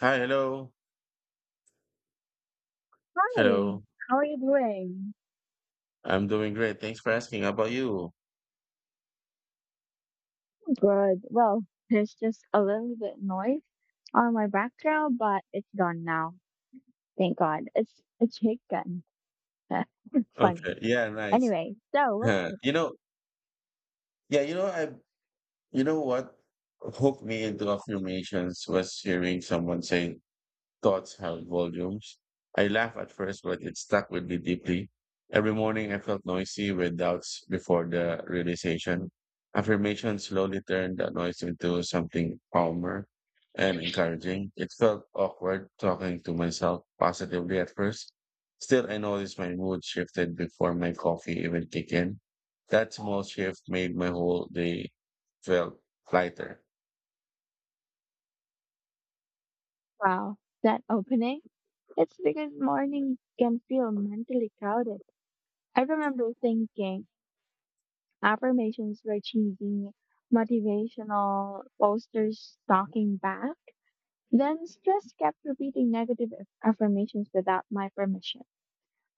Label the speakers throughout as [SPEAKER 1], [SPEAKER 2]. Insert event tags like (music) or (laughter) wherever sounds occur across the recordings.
[SPEAKER 1] Hi, hello.
[SPEAKER 2] Hi,
[SPEAKER 1] Hello.
[SPEAKER 2] how are you doing?
[SPEAKER 1] I'm doing great. Thanks for asking. How about you?
[SPEAKER 2] Good. Well, there's just a little bit noise on my background, but it's gone now. Thank God. It's a chicken. (laughs)
[SPEAKER 1] Okay.
[SPEAKER 2] Funny.
[SPEAKER 1] Yeah, nice. (laughs)
[SPEAKER 2] Anyway, so
[SPEAKER 1] Yeah.
[SPEAKER 2] what's
[SPEAKER 1] You know, yeah, you know, I you know what hooked me into affirmations was hearing someone say thoughts held volumes. I laughed at first, but it stuck with me deeply. Every morning I felt noisy with doubts before the realization. Affirmation slowly turned the noise into something calmer and encouraging. It felt awkward talking to myself positively at first. Still, I noticed my mood shifted before my coffee even kicked in. That small shift made my whole day felt lighter.
[SPEAKER 2] wow that opening? It's because morning can feel mentally crowded. I remember thinking affirmations were cheesy, motivational posters talking back. Then stress kept repeating negative affirmations without my permission.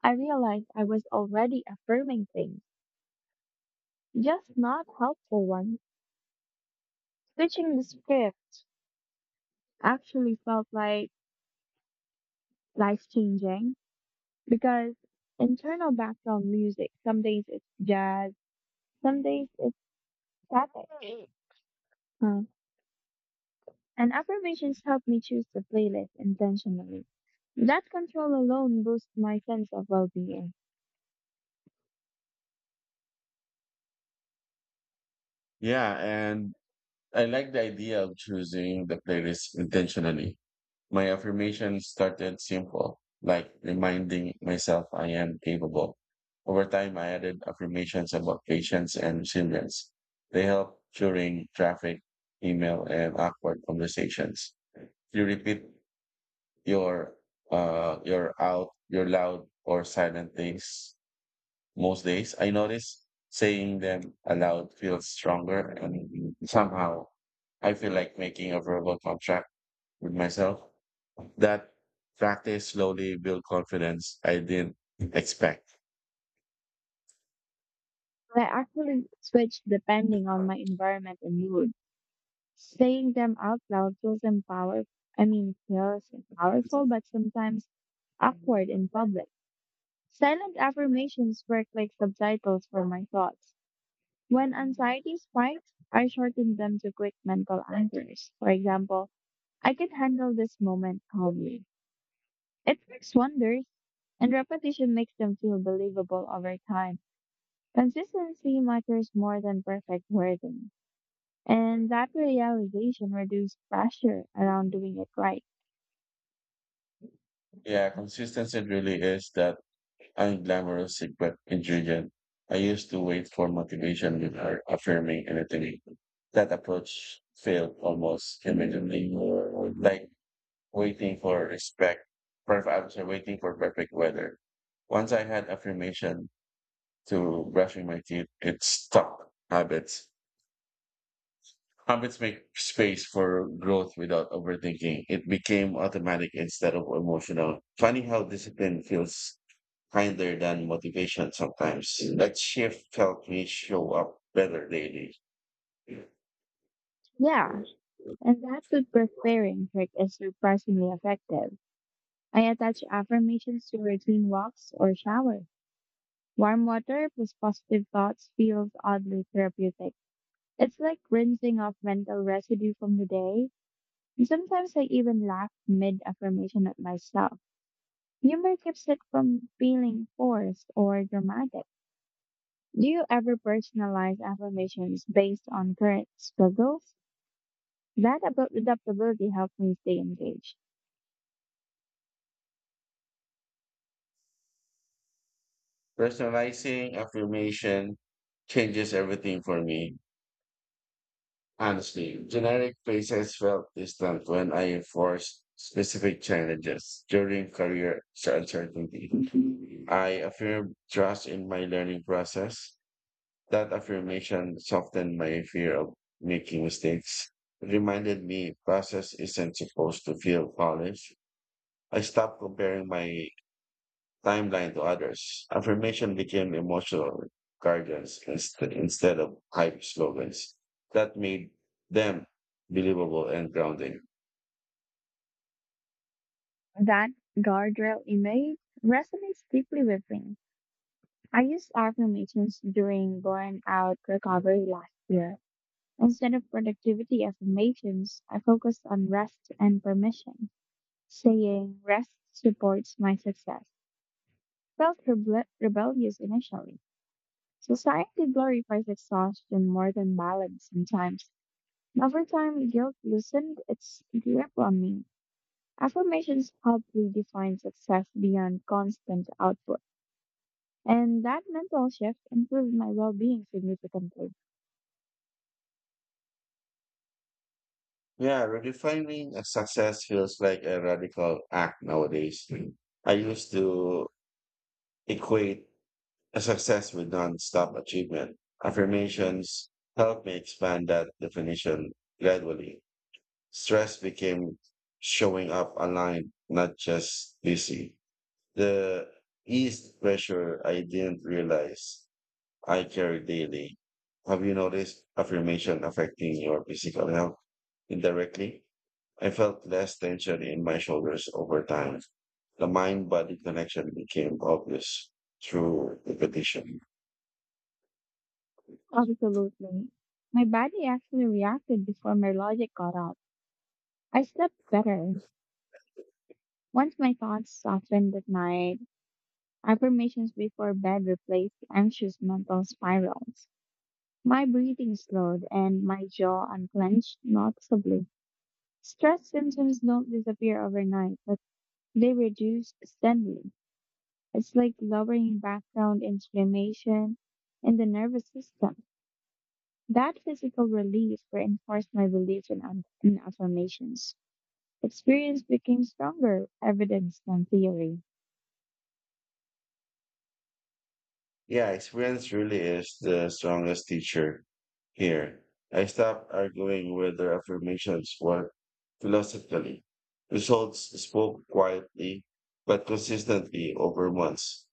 [SPEAKER 2] I realized I was already affirming things, just not helpful ones. Switching the script actually felt like life changing because internal background music, some days it's jazz, some days it's static. Uh, and affirmations help me choose the playlist intentionally. That control alone boosts my sense of well being.
[SPEAKER 1] Yeah, and I like the idea of choosing the playlist intentionally. My affirmation started simple, like reminding myself I am capable. Over time, I added affirmations about patience and resilience. They help during traffic, email, and awkward conversations. You repeat your your loud or silent things most days, I notice saying them aloud feels stronger, and somehow I feel like making a verbal contract with myself. That practice slowly build confidence I didn't expect.
[SPEAKER 2] I actually switch depending on my environment and mood. Saying them out loud feels empower I mean feels powerful but sometimes awkward in public. Silent affirmations work like subtitles for my thoughts. When anxiety spikes, I shorten them to quick mental anchors. For example, I can handle this moment calmly. It works wonders, and repetition makes them feel believable over time. Consistency matters more than perfect wording. And that realization reduced pressure around doing it right.
[SPEAKER 1] Yeah, consistency really is that unglamorous secret ingredient. I used to wait for motivation before affirming anything. That approach failed almost immediately. Like waiting for respect. Perfect, I was waiting for perfect weather. Once I had affirmation to brushing my teeth, it stopped habits. Habits make space for growth without overthinking. It became automatic instead of emotional. Funny how discipline feels kinder than motivation sometimes. That shift helped me show up better daily.
[SPEAKER 2] Yeah, and that food preparing trick is surprisingly effective. I attach affirmations to routine walks or shower. Warm water plus positive thoughts feels oddly therapeutic. It's like rinsing off mental residue from the day. And sometimes I even laugh mid affirmation at myself. Humor keeps it from feeling forced or dramatic. Do you ever personalize affirmations based on current struggles? That about adaptability helps me stay engaged.
[SPEAKER 1] Personalizing affirmation changes everything for me. Honestly, generic places felt distant when I enforced specific challenges during career uncertainty. I affirmed trust in my learning process. That affirmation softened my fear of making mistakes. It reminded me process isn't supposed to feel polished. I stopped comparing my timeline to others. Affirmation became emotional guardians instead of hype slogans. That made them believable and grounding.
[SPEAKER 2] That guardrail image resonates deeply with me. I use affirmations during burnout recovery last. Instead of productivity affirmations, I focused on rest and permission, saying rest supports my success. Felt rebellious initially. Society glorifies exhaustion more than balance sometimes. Over time, guilt loosened its grip on me. Affirmations helped redefine success beyond constant output, and that mental shift improved my well being significantly.
[SPEAKER 1] Yeah, redefining a success feels like a radical act nowadays. I used to equate a success with nonstop achievement. Affirmations helped me expand that definition gradually. Stress became showing up aligned, not just busy. The ease pressure I didn't realize I carry daily. Have you noticed affirmation affecting your physical health indirectly? I felt less tension in my shoulders over time. The mind body connection became obvious through repetition.
[SPEAKER 2] Absolutely. My body actually reacted before my logic caught up. I slept better. Once my thoughts softened at night, affirmations before bed replaced anxious mental spirals. My breathing slowed and my jaw unclenched noticeably. Stress symptoms don't disappear overnight, but they reduce steadily. It's like lowering background inflammation in the nervous system. That physical relief reinforced my belief in affirmations. Experience became stronger evidence than theory.
[SPEAKER 1] Yeah, experience really is the strongest teacher here. I stopped arguing with their affirmations were philosophically. Results spoke quietly but consistently over months.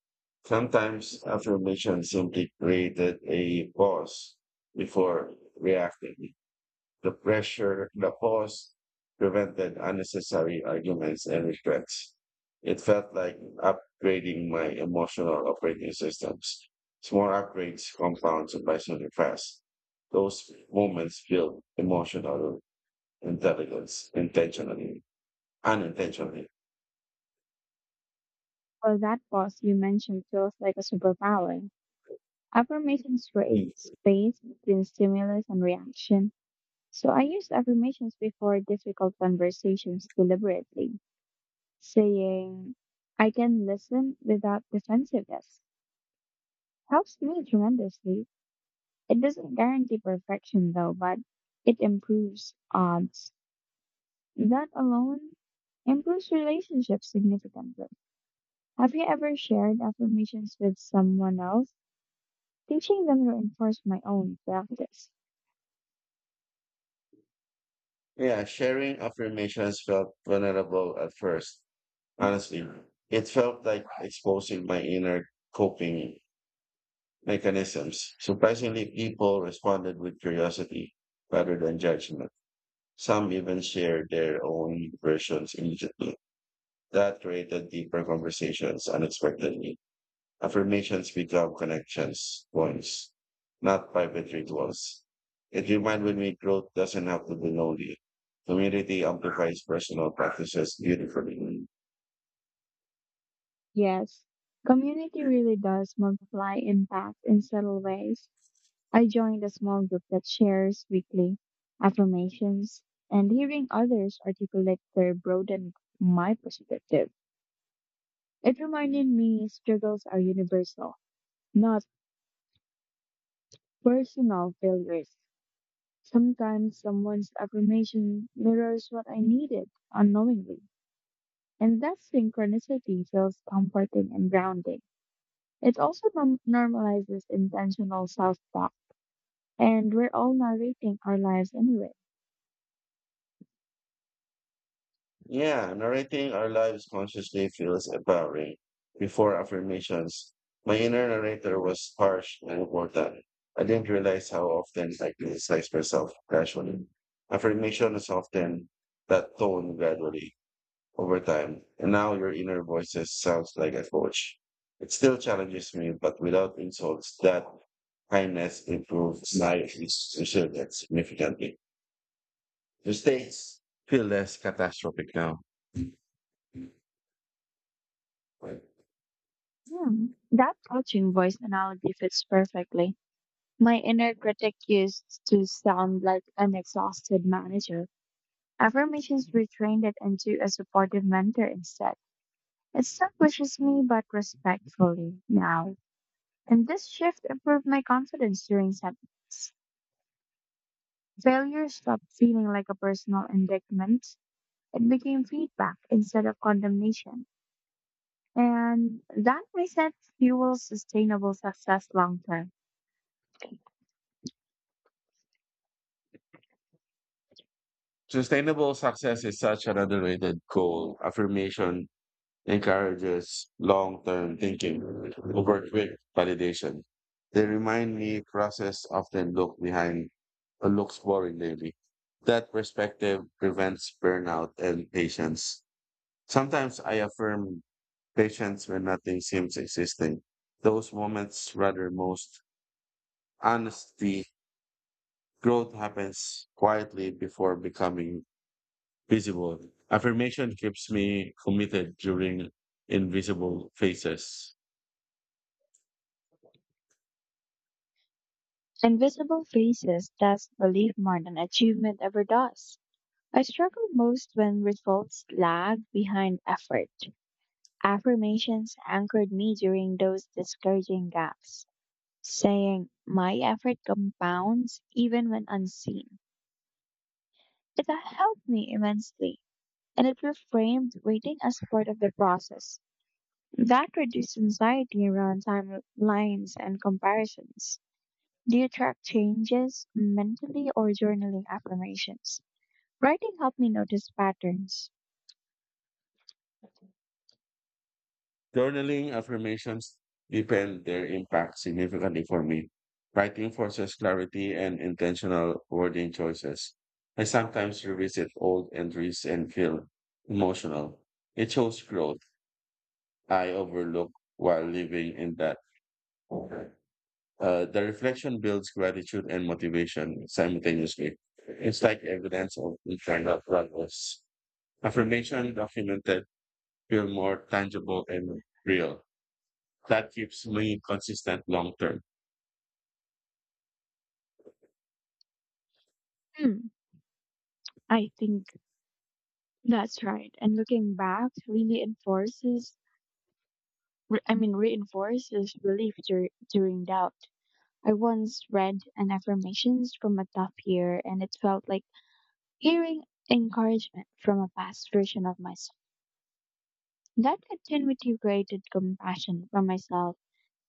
[SPEAKER 1] Sometimes affirmations simply created a pause before reacting. The pressure, the pause prevented unnecessary arguments and regrets. It felt like upgrading my emotional operating systems. Small upgrades compound surprisingly fast. Those moments build emotional intelligence intentionally, unintentionally.
[SPEAKER 2] Well, that pause you mentioned feels like a superpower. Affirmations create
[SPEAKER 1] Mm.
[SPEAKER 2] space between stimulus and reaction. So I used affirmations before difficult conversations deliberately saying, I can listen without defensiveness helps me tremendously. It doesn't guarantee perfection though, but it improves odds. That alone improves relationships significantly. Have you ever shared affirmations with someone else? Teaching them reinforced my own practice.
[SPEAKER 1] Yeah, sharing affirmations felt vulnerable at first. Honestly, it felt like exposing my inner coping mechanisms. Surprisingly, people responded with curiosity rather than judgment. Some even shared their own versions immediately. That created deeper conversations unexpectedly. Affirmations become connections points, not private rituals. It reminded me growth doesn't have to be lonely. Community amplifies personal practices beautifully.
[SPEAKER 2] Yes, community really does multiply impact in subtle ways. I joined a small group that shares weekly affirmations, and hearing others articulate their broadened my perspective. It reminded me struggles are universal, not personal failures. Sometimes someone's affirmation mirrors what I needed unknowingly, and that synchronicity feels comforting and grounding. It also normalizes intentional self talk, and we're all narrating our lives anyway.
[SPEAKER 1] Yeah, narrating our lives consciously feels empowering. Before affirmations, my inner narrator was harsh and important. I didn't realize how often I criticized myself casually. Affirmation is often that tone gradually over time, and now your inner voices sounds like a coach. It still challenges me, but without insults, that kindness improves my resilience significantly. Mistakes feel less catastrophic now.
[SPEAKER 2] Hmm, that coaching voice analogy fits perfectly. My inner critic used to sound like an exhausted manager. Affirmations retrained it into a supportive mentor instead. It still pushes me, but respectfully now. And this shift improved my confidence during setbacks. Failure stopped feeling like a personal indictment. It became feedback instead of condemnation. And that mindset fuels sustainable success long term.
[SPEAKER 1] Sustainable success is such an underrated goal. Affirmation encourages long term thinking over quick validation. They remind me process often look behind or looks boring daily. That perspective prevents burnout and patience. Sometimes I affirm patience when nothing seems existing. Those moments rather most honesty. Growth happens quietly before becoming visible. Affirmation keeps me committed during invisible phases.
[SPEAKER 2] Invisible faces test belief more than achievement ever does. I struggled most when results lagged behind effort. Affirmations anchored me during those discouraging gaps, saying, my effort compounds even when unseen. It helped me immensely, and it reframed waiting as part of the process. That reduced anxiety around timelines and comparisons. Do you track changes mentally or journaling affirmations? Writing helped me notice patterns.
[SPEAKER 1] Journaling affirmations depend their impact significantly for me. Writing forces clarity and intentional wording choices. I sometimes revisit old entries and feel emotional. It shows growth I overlook while living in that. Uh, the reflection builds gratitude and motivation simultaneously. It's like evidence of internal progress. Affirmation documented feel more tangible and real. That keeps me consistent long term.
[SPEAKER 2] Hmm, I think that's right. And looking back really enforces, re- I mean, reinforces relief during doubt. I once read an affirmations from a tough year, and it felt like hearing encouragement from a past version of myself. That continuity created compassion for myself,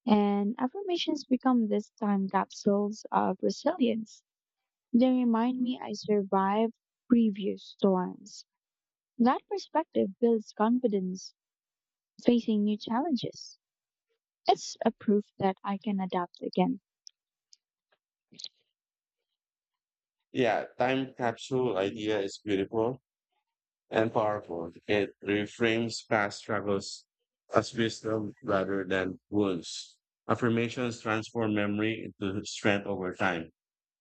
[SPEAKER 2] and affirmations become this time capsules of resilience. They remind me I survived previous storms. That perspective builds confidence facing new challenges. It's a proof that I can adapt again.
[SPEAKER 1] Yeah, time capsule idea is beautiful and powerful. It reframes past struggles as wisdom rather than wounds. Affirmations transform memory into strength over time.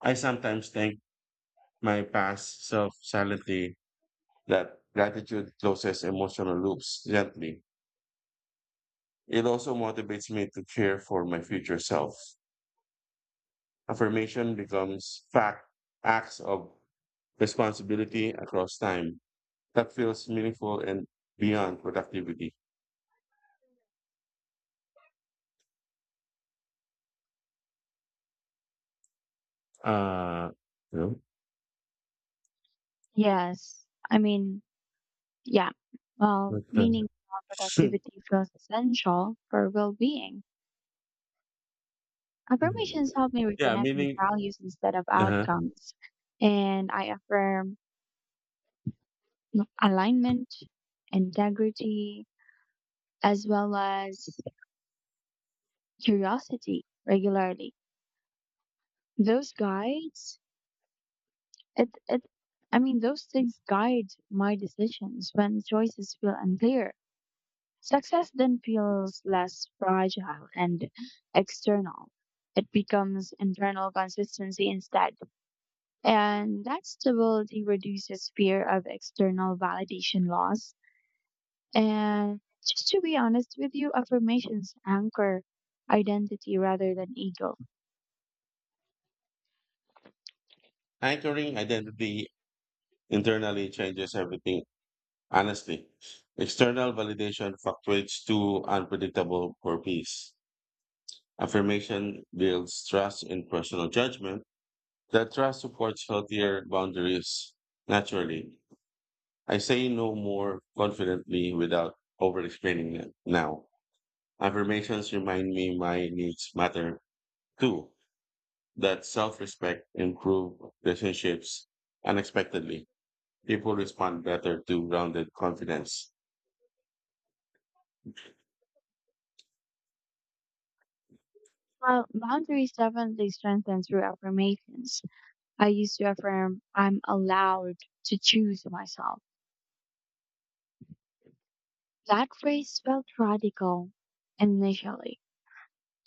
[SPEAKER 1] I sometimes thank my past self silently that gratitude closes emotional loops gently. It also motivates me to care for my future self. Affirmation becomes fact acts of responsibility across time that feels meaningful and beyond productivity. Uh, you know,
[SPEAKER 2] Yes. I mean, yeah. Well,
[SPEAKER 1] but,
[SPEAKER 2] meaning
[SPEAKER 1] uh,
[SPEAKER 2] productivity feels essential for well being. Affirmations help
[SPEAKER 1] (laughs)
[SPEAKER 2] me
[SPEAKER 1] yeah,
[SPEAKER 2] reconnect with
[SPEAKER 1] meaning
[SPEAKER 2] values instead of
[SPEAKER 1] uh
[SPEAKER 2] outcomes. And I affirm alignment, integrity, as well as curiosity regularly. Those guides, it, I mean, Those things guide my decisions when choices feel unclear. Success then feels less fragile and external. It becomes internal consistency instead. And that stability reduces fear of external validation loss. And just to be honest with you, affirmations anchor identity rather than ego.
[SPEAKER 1] Anchoring identity internally changes everything. Honestly, external validation fluctuates too unpredictable for peace. Affirmation builds trust in personal judgment. That trust supports healthier boundaries naturally I say no more confidently without over explaining it now. Affirmations remind me my needs matter too, that self respect improve relationships unexpectedly. People respond better to grounded confidence.
[SPEAKER 2] Well, boundaries definitely strengthen through affirmations. I used to affirm, I'm allowed to choose myself. That phrase felt radical initially.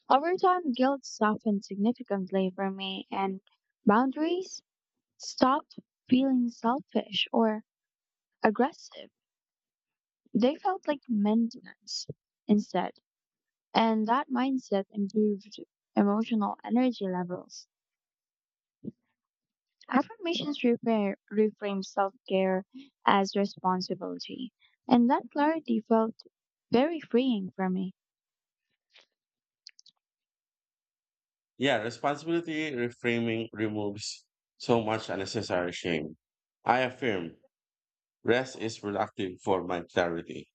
[SPEAKER 2] Over time, guilt softened significantly for me, and boundaries stopped feeling selfish or aggressive. They felt like maintenance instead, and that mindset improved emotional energy levels. Reframe self care as responsibility, and that clarity felt very freeing for me.
[SPEAKER 1] Yeah, responsibility reframing removes so much unnecessary shame. I affirm rest is productive for my clarity.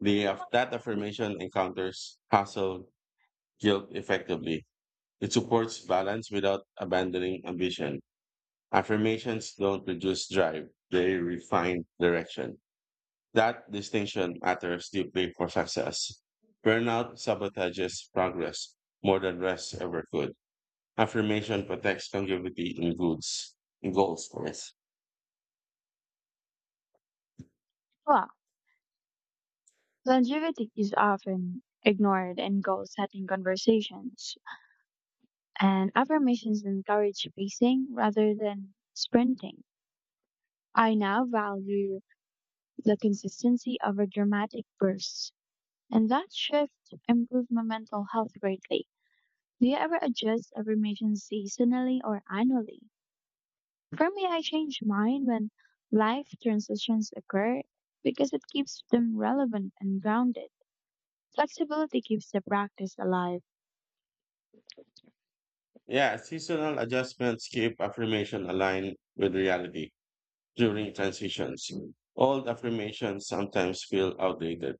[SPEAKER 1] That affirmation encounters hustle guilt effectively It supports balance without abandoning ambition. Affirmations don't reduce drive, they refine direction. That distinction matters deeply for success. Burnout sabotages progress more than rest ever could. Affirmation protects longevity in goals. Yes.
[SPEAKER 2] Well, longevity is often ignored in goal setting conversations, and affirmations encourage pacing rather than sprinting. I now value the consistency over dramatic bursts, and that shift improved my mental health greatly. Do you ever adjust affirmations seasonally or annually? For me, I change mine when life transitions occur because it keeps them relevant and grounded. Flexibility keeps the practice alive.
[SPEAKER 1] Yeah, seasonal adjustments keep affirmation aligned with reality during transitions. Old affirmations sometimes feel outdated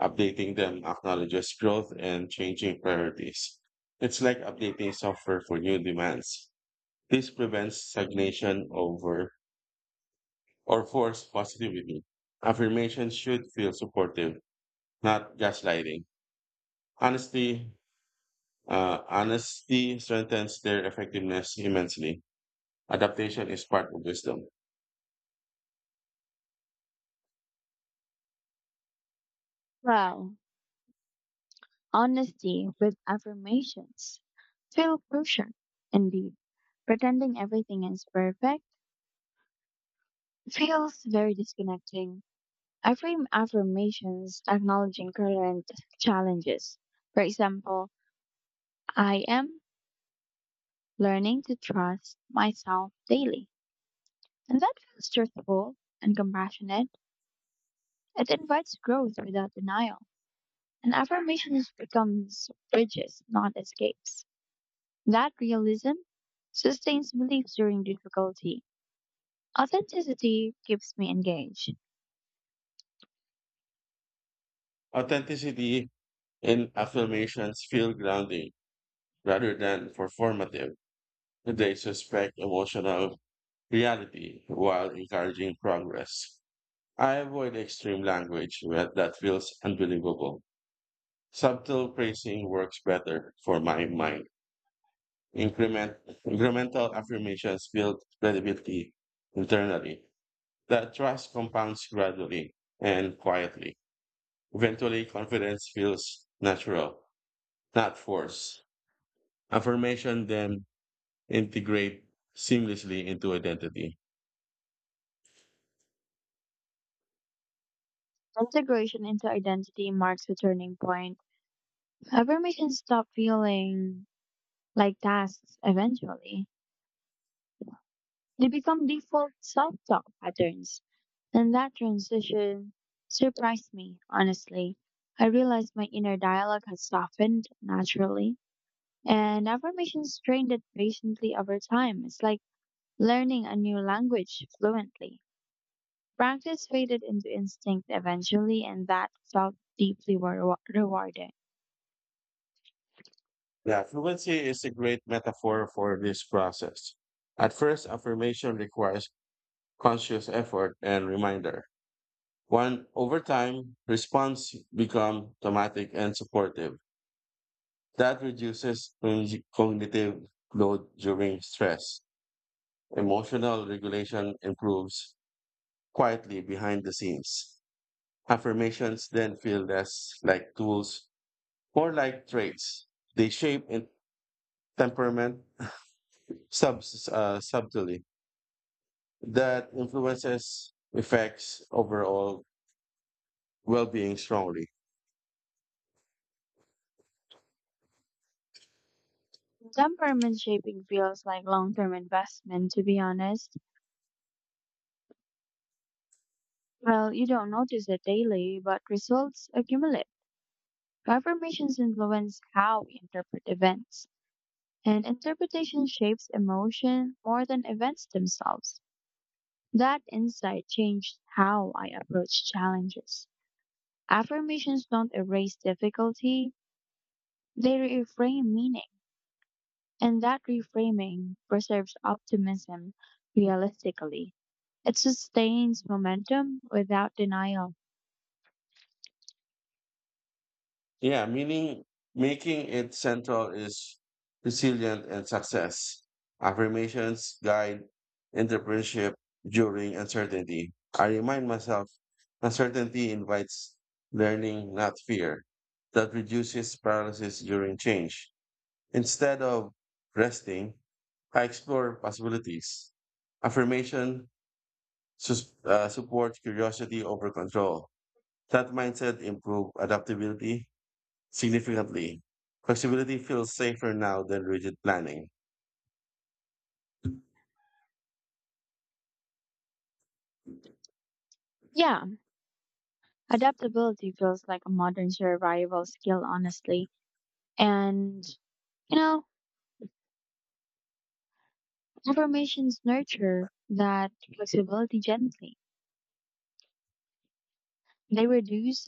[SPEAKER 1] Updating them acknowledges growth and changing priorities. It's like updating software for new demands. This prevents stagnation over or forced positivity. Affirmation should feel supportive, not gaslighting. Honesty, honesty strengthens their effectiveness immensely. Adaptation is part of wisdom.
[SPEAKER 2] Well, honesty with affirmations feel crucial. Indeed, pretending everything is perfect feels very disconnecting. I frame affirmations acknowledging current challenges. For example, I am learning to trust myself daily. And that feels truthful and compassionate. It invites growth without denial. And affirmations becomes bridges, not escapes. That realism sustains beliefs during difficulty. Authenticity keeps me engaged.
[SPEAKER 1] Authenticity in affirmations feel grounding rather than performative. They suspect emotional reality while encouraging progress. I avoid extreme language that feels unbelievable. Subtle phrasing works better for my mind. Increment, incremental affirmations build credibility internally. That trust compounds gradually and quietly. Eventually, confidence feels natural, not forced. Affirmation then integrate seamlessly into identity.
[SPEAKER 2] Integration into identity marks a turning point. Affirmations stop feeling like tasks eventually. They become default self-talk patterns. And that transition surprised me, honestly. I realized my inner dialogue had softened naturally, and affirmations trained it patiently over time. It's like learning a new language fluently. Practice faded into instinct eventually, and that felt deeply rewarding.
[SPEAKER 1] Yeah, fluency is a great metaphor for this process. At first, affirmation requires conscious effort and reminder. One over time, response become automatic and supportive. That reduces cognitive load during stress. Emotional regulation improves quietly behind the scenes. Affirmations then feel less like tools, more like traits. They shape in temperament sub, uh, subtly. That influences effects overall well-being strongly.
[SPEAKER 2] Temperament shaping feels like long term investment, to be honest. Well, you don't notice it daily, but results accumulate. Affirmations influence how we interpret events. And interpretation shapes emotion more than events themselves. That insight changed how I approach challenges. Affirmations don't erase difficulty, they reframe meaning. And that reframing preserves optimism realistically. It sustains momentum without denial.
[SPEAKER 1] Yeah, meaning making it central is resilient and success. Affirmations guide entrepreneurship during uncertainty. I remind myself uncertainty invites learning, not fear. That reduces paralysis during change. Instead of resting, I explore possibilities. Affirmation support curiosity over control. That mindset improved adaptability significantly. Flexibility feels safer now than rigid planning.
[SPEAKER 2] Yeah, adaptability feels like a modern survival skill, honestly. And, you know, affirmations nurture that flexibility gently. They reduce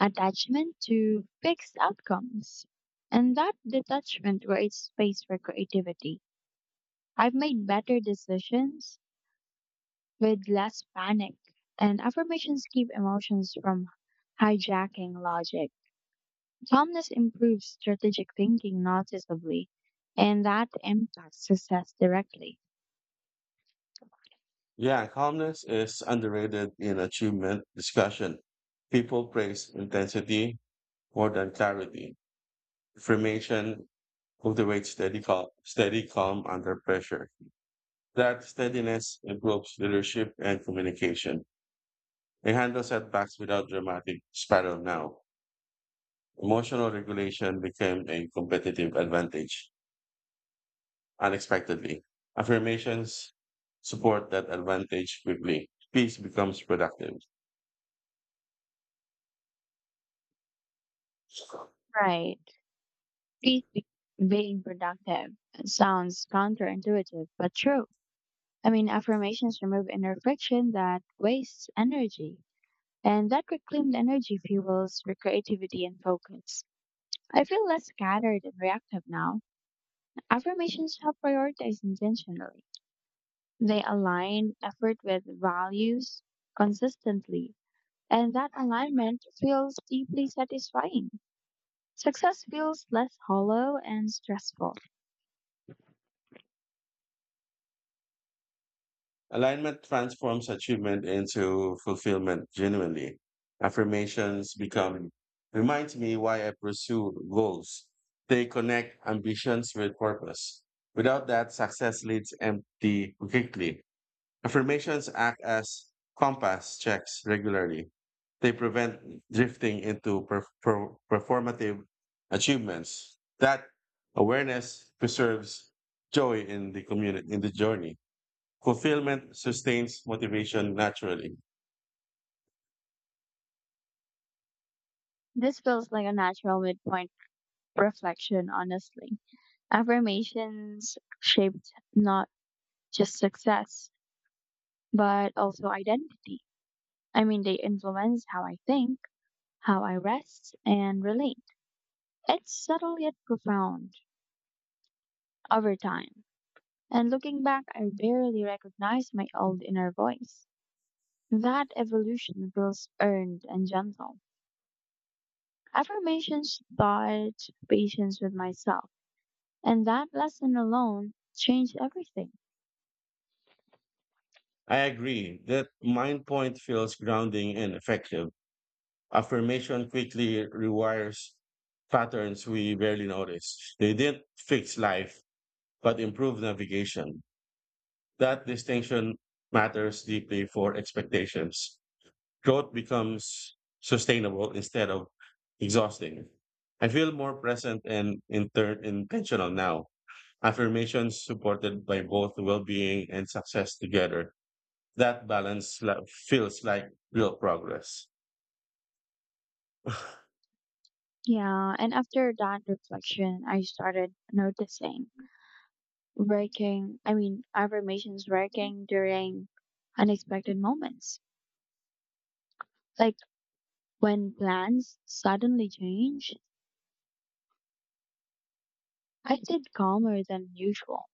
[SPEAKER 2] attachment to fixed outcomes. And that detachment creates space for creativity. I've made better decisions with less panic, and affirmations keep emotions from hijacking logic. Calmness improves strategic thinking noticeably, and that impacts success directly.
[SPEAKER 1] Yeah, calmness is underrated in achievement discussion. People praise intensity more than clarity. Information cultivates steady calm under pressure. That steadiness improves leadership and communication. They handle setbacks without dramatic spiral now. Emotional regulation became a competitive advantage unexpectedly. Affirmations support that advantage quickly. Peace becomes productive.
[SPEAKER 2] Right. treat be- Being productive sounds counterintuitive, but true. I mean, affirmations remove inner friction that wastes energy, and that reclaimed energy fuels your creativity and focus. I feel less scattered and reactive now. Affirmations help prioritize intentionally. They align effort with values consistently, and that alignment feels deeply satisfying. Success feels less hollow and stressful.
[SPEAKER 1] Alignment transforms achievement into fulfillment genuinely. Affirmations become reminds me why I pursue goals. They connect ambitions with purpose. Without that, success leads empty quickly. Affirmations act as compass checks regularly. They prevent drifting into performative achievements. That awareness preserves joy in the community in the journey. Fulfillment sustains motivation naturally.
[SPEAKER 2] This feels like a natural midpoint reflection, honestly. Affirmations shaped not just success, but also identity. I mean, they influence how I think, how I rest, and relate. It's subtle yet profound over time. And looking back, I barely recognize my old inner voice. That evolution feels earned and gentle. Affirmations taught patience with myself, and that lesson alone changed everything.
[SPEAKER 1] I agree that mind point feels grounding and effective. Affirmation quickly rewires patterns we barely notice. They didn't fix life, but improve navigation. That distinction matters deeply for expectations. Growth becomes sustainable instead of exhausting. I feel more present and intentional now. Affirmations supported by both well being and success together. That balance feels like real progress.
[SPEAKER 2] Yeah, and after that reflection, I started noticing working, I mean, affirmations working during unexpected moments. Like when plans suddenly change, I stayed calmer than usual.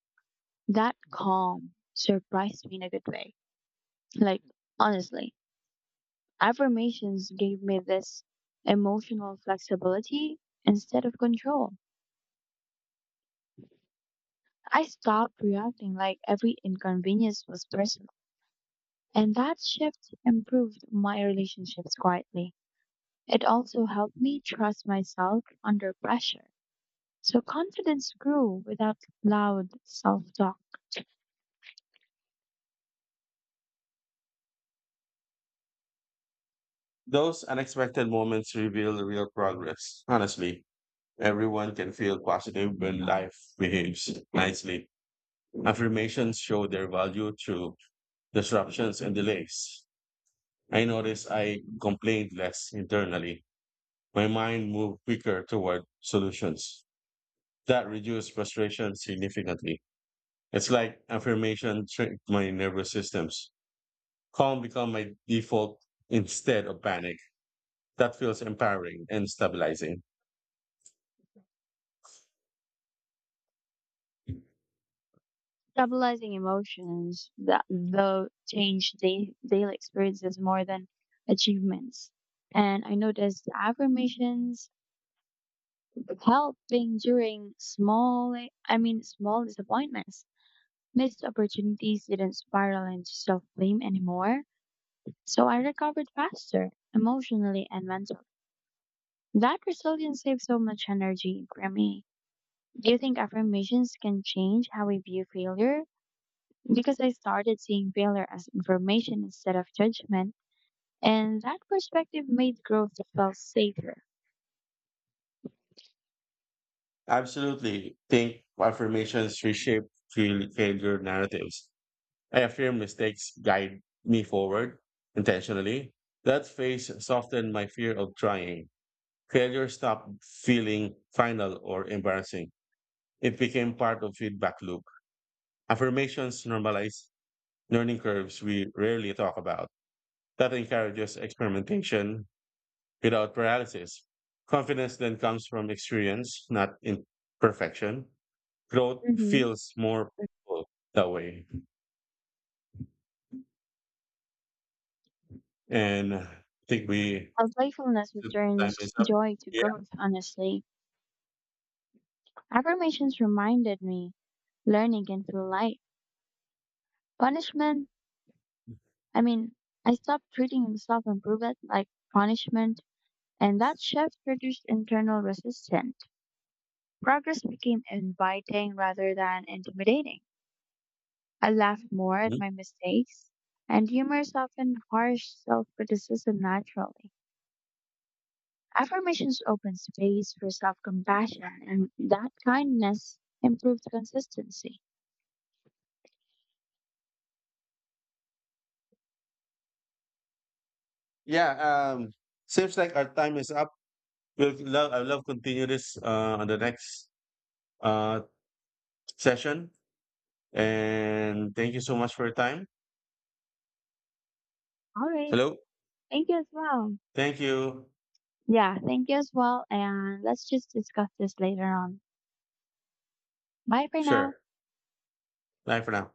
[SPEAKER 2] That calm surprised me in a good way. Like, honestly, affirmations gave me this emotional flexibility instead of control. I stopped reacting like every inconvenience was personal. And that shift improved my relationships quietly. It also helped me trust myself under pressure. So confidence grew without loud self talk.
[SPEAKER 1] Those unexpected moments reveal real progress. Honestly, everyone can feel positive when life behaves nicely. Affirmations show their value through disruptions and delays. I noticed I complained less internally. My mind moved quicker toward solutions. That reduced frustration significantly. It's like affirmation tricked my nervous systems. Calm become my default instead of panic. That feels empowering and stabilizing.
[SPEAKER 2] Stabilizing emotions that though changed daily experiences more than achievements. And I noticed affirmations helping during small disappointments. Missed opportunities didn't spiral into self blame anymore. So I recovered faster, emotionally and mentally. That resilience saved so much energy for me. Do you think affirmations can change how we view failure? Because I started seeing failure as information instead of judgment, and that perspective made growth feel safer.
[SPEAKER 1] Absolutely think affirmations reshape failure narratives. I affirm mistakes guide me forward intentionally. That phase softened my fear of trying. Failure stopped feeling final or embarrassing. It became part of feedback loop. Affirmations normalize learning curves we rarely talk about. That encourages experimentation without paralysis. Confidence then comes from experience, not imperfection. Growth
[SPEAKER 2] Hmm.
[SPEAKER 1] feels more painful that way. And I think we
[SPEAKER 2] How playfulness
[SPEAKER 1] So time
[SPEAKER 2] returns
[SPEAKER 1] is up.
[SPEAKER 2] joy to
[SPEAKER 1] Yeah.
[SPEAKER 2] growth, honestly. Affirmations reminded me learning can feel light. Punishment, I mean, I stopped treating self improvement like punishment, and that shift reduced internal resistance. Progress became inviting rather than intimidating. I laughed more at
[SPEAKER 1] Mhm.
[SPEAKER 2] my mistakes, and humor softened harsh self criticism naturally. Affirmations opened space for self compassion, and that kindness improved consistency.
[SPEAKER 1] Yeah. Um, Seems like our time is up. I love continue this on the next uh, session. And thank you so much for your time.
[SPEAKER 2] All right,
[SPEAKER 1] Hello.
[SPEAKER 2] thank you as well.
[SPEAKER 1] Thank you.
[SPEAKER 2] Yeah, thank you as well, and let's just discuss this later on. Bye for now.
[SPEAKER 1] Sure. Bye for now.